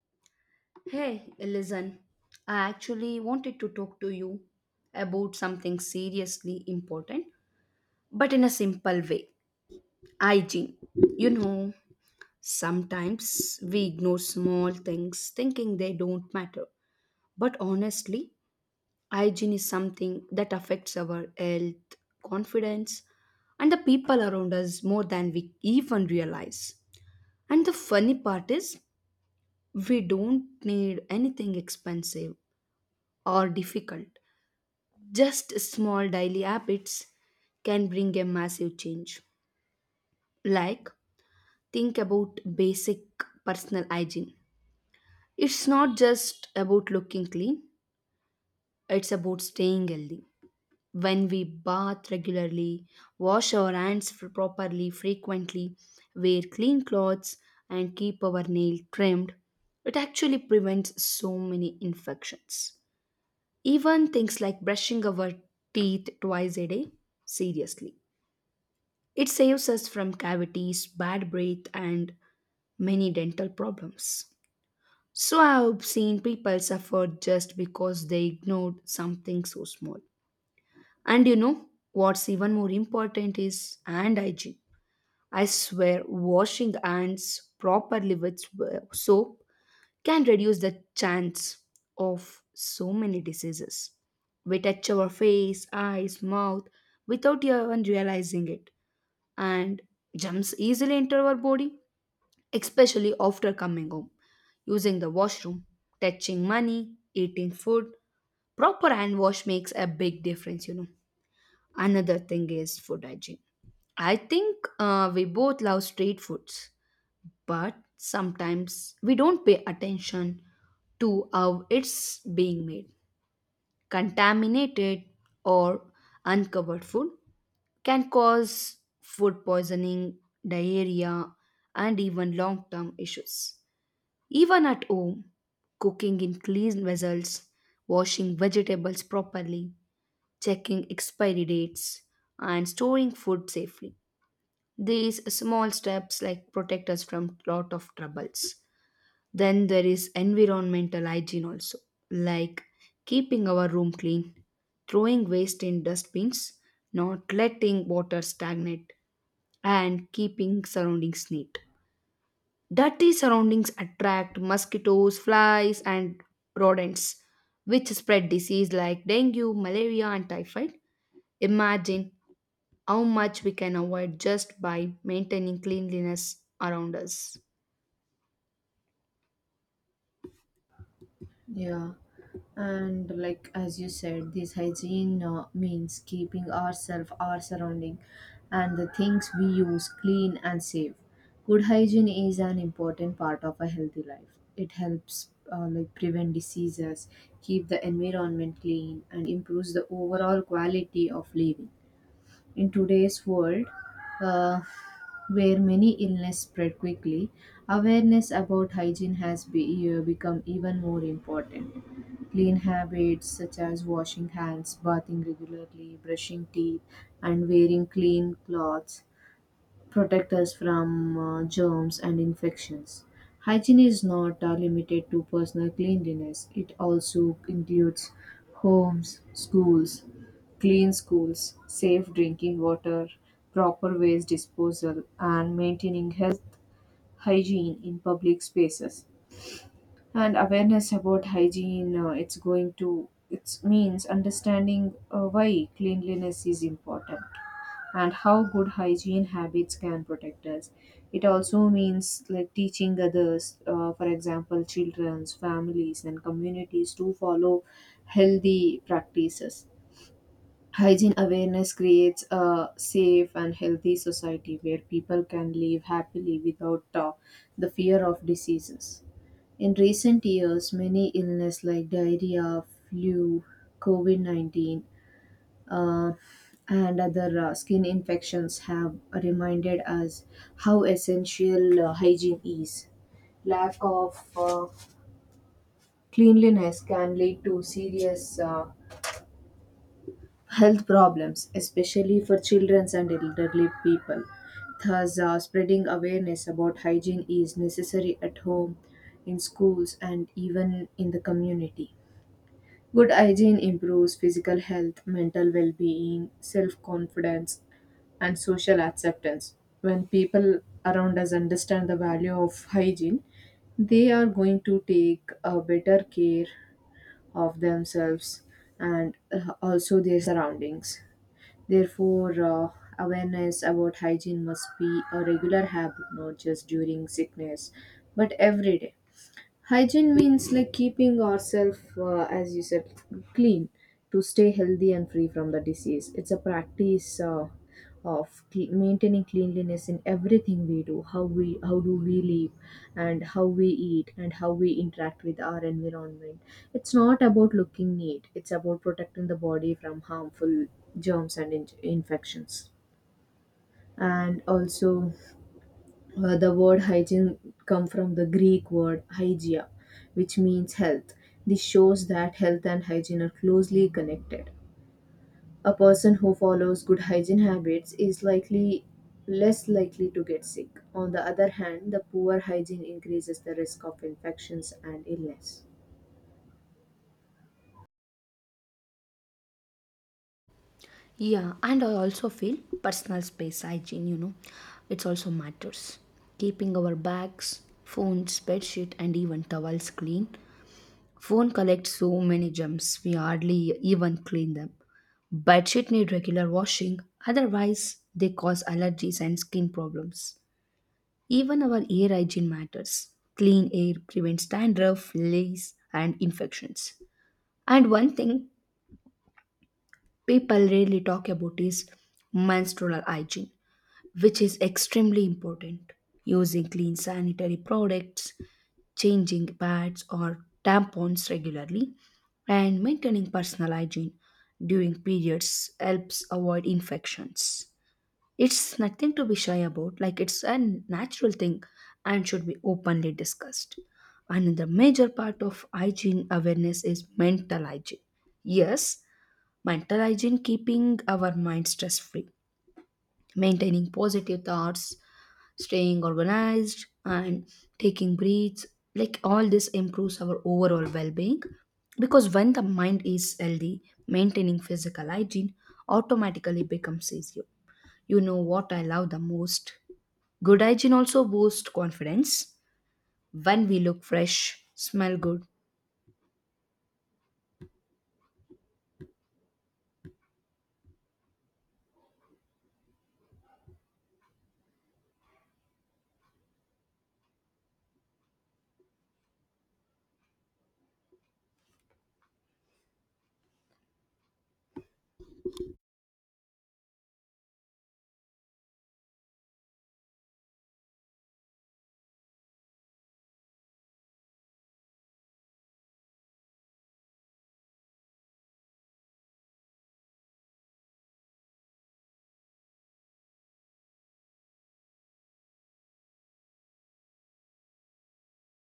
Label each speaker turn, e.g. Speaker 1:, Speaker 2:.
Speaker 1: Hey, listen, I actually wanted to talk to you about something seriously important, but in a simple way: hygiene. You know, sometimes we ignore small things thinking they don't matter, but honestly, hygiene is something that affects our health, confidence, and the people around us more than we even realize. And the funny part is, we don't need anything expensive or difficult. Just small daily habits can bring a massive change. Like, think about basic personal hygiene. It's not just about looking clean, it's about staying healthy. When we bath regularly, wash our hands properly, frequently, wear clean clothes, and keep our nail trimmed, it actually prevents so many infections. Even things like brushing our teeth twice a day, seriously, it saves us from cavities, bad breath, and many dental problems. So, I have seen people suffer just because they ignored something so small. And you know what's even more important is hand hygiene. I swear, washing hands properly with soap can reduce the chance of so many diseases. We touch our face, eyes, mouth without even realizing it, and germs easily enter our body, especially after coming home. Using the washroom, touching money, eating food, proper hand wash makes a big difference. Another thing is food hygiene. I think we both love street foods, but sometimes we don't pay attention to how it's being made. Contaminated or uncovered food can cause food poisoning, diarrhea, and even long term issues. Even at home, cooking in clean vessels, washing vegetables properly, checking expiry dates, and storing food safely. These small steps like protect us from lot of troubles. Then there is environmental hygiene also, like keeping our room clean, throwing waste in dustbins, not letting water stagnate, and keeping surroundings neat. Dirty surroundings attract mosquitoes, flies, and rodents, which spread disease like dengue, malaria, and typhoid. Imagine how much we can avoid just by maintaining cleanliness around us.
Speaker 2: Yeah, and like as you said, this hygiene means keeping ourselves, our surrounding, and the things we use clean and safe. Good hygiene is an important part of a healthy life. It helps like prevent diseases, keep the environment clean, and improves the overall quality of living. In today's world, uh, where many illness spread quickly, awareness about hygiene has become even more important. Clean habits such as washing hands, bathing regularly, brushing teeth, and wearing clean clothes protect us from germs and infections. Hygiene is not limited to personal cleanliness. It also includes homes, schools, clean schools, safe drinking water, proper waste disposal, and maintaining health hygiene in public spaces. And awareness about hygiene, it's going to it means understanding why cleanliness is important and how good hygiene habits can protect us. It also means like teaching others, for example children's families and communities, to follow healthy practices. Hygiene awareness creates a safe and healthy society where people can live happily without the fear of diseases. In recent years, many illness like diarrhea, flu, COVID 19, uh, and other skin infections have reminded us how essential hygiene is. Lack of cleanliness can lead to serious health problems, especially for children and elderly people. Thus, spreading awareness about hygiene is necessary at home, in schools, and even in the community. Good hygiene improves physical health, mental well being, self confidence, and social acceptance. When people around us understand the value of hygiene, they are going to take a better care of themselves and also their surroundings. Therefore, awareness about hygiene must be a regular habit, not just during sickness, but every day. Hygiene means like keeping ourselves, as you said, clean to stay healthy and free from the disease. It's a practice of maintaining cleanliness in everything we do. How do we live, and how we eat, and how we interact with our environment. It's not about looking neat. It's about protecting the body from harmful germs and infections. And also, the word hygiene come from the Greek word hygia, which means health. This shows that health and hygiene are closely connected. A person who follows good hygiene habits is likely less likely to get sick. On the other hand, the poor hygiene increases the risk of infections and illness.
Speaker 1: Yeah, and I also feel personal space hygiene, you know, it's also matters. Keeping our bags, phones, bedsheet, and even towels clean. Phone collects so many gems, we hardly even clean them. Bedsheet need regular washing, otherwise they cause allergies and skin problems. Even our air hygiene matters. Clean air prevents dandruff, lice, and infections. And one thing people rarely talk about is menstrual hygiene, which is extremely important. Using clean sanitary products, changing pads or tampons regularly, and maintaining personal hygiene during periods helps avoid infections. It's nothing to be shy about, like it's a natural thing and should be openly discussed. Another major part of hygiene awareness is mental hygiene. Yes, mental hygiene, keeping our mind stress free, maintaining positive thoughts, staying organized and taking breaths, like all this improves our overall well-being, because when the mind is healthy, maintaining physical hygiene automatically becomes easier. You know what I love the most? Good hygiene also boosts confidence. When we look fresh, smell good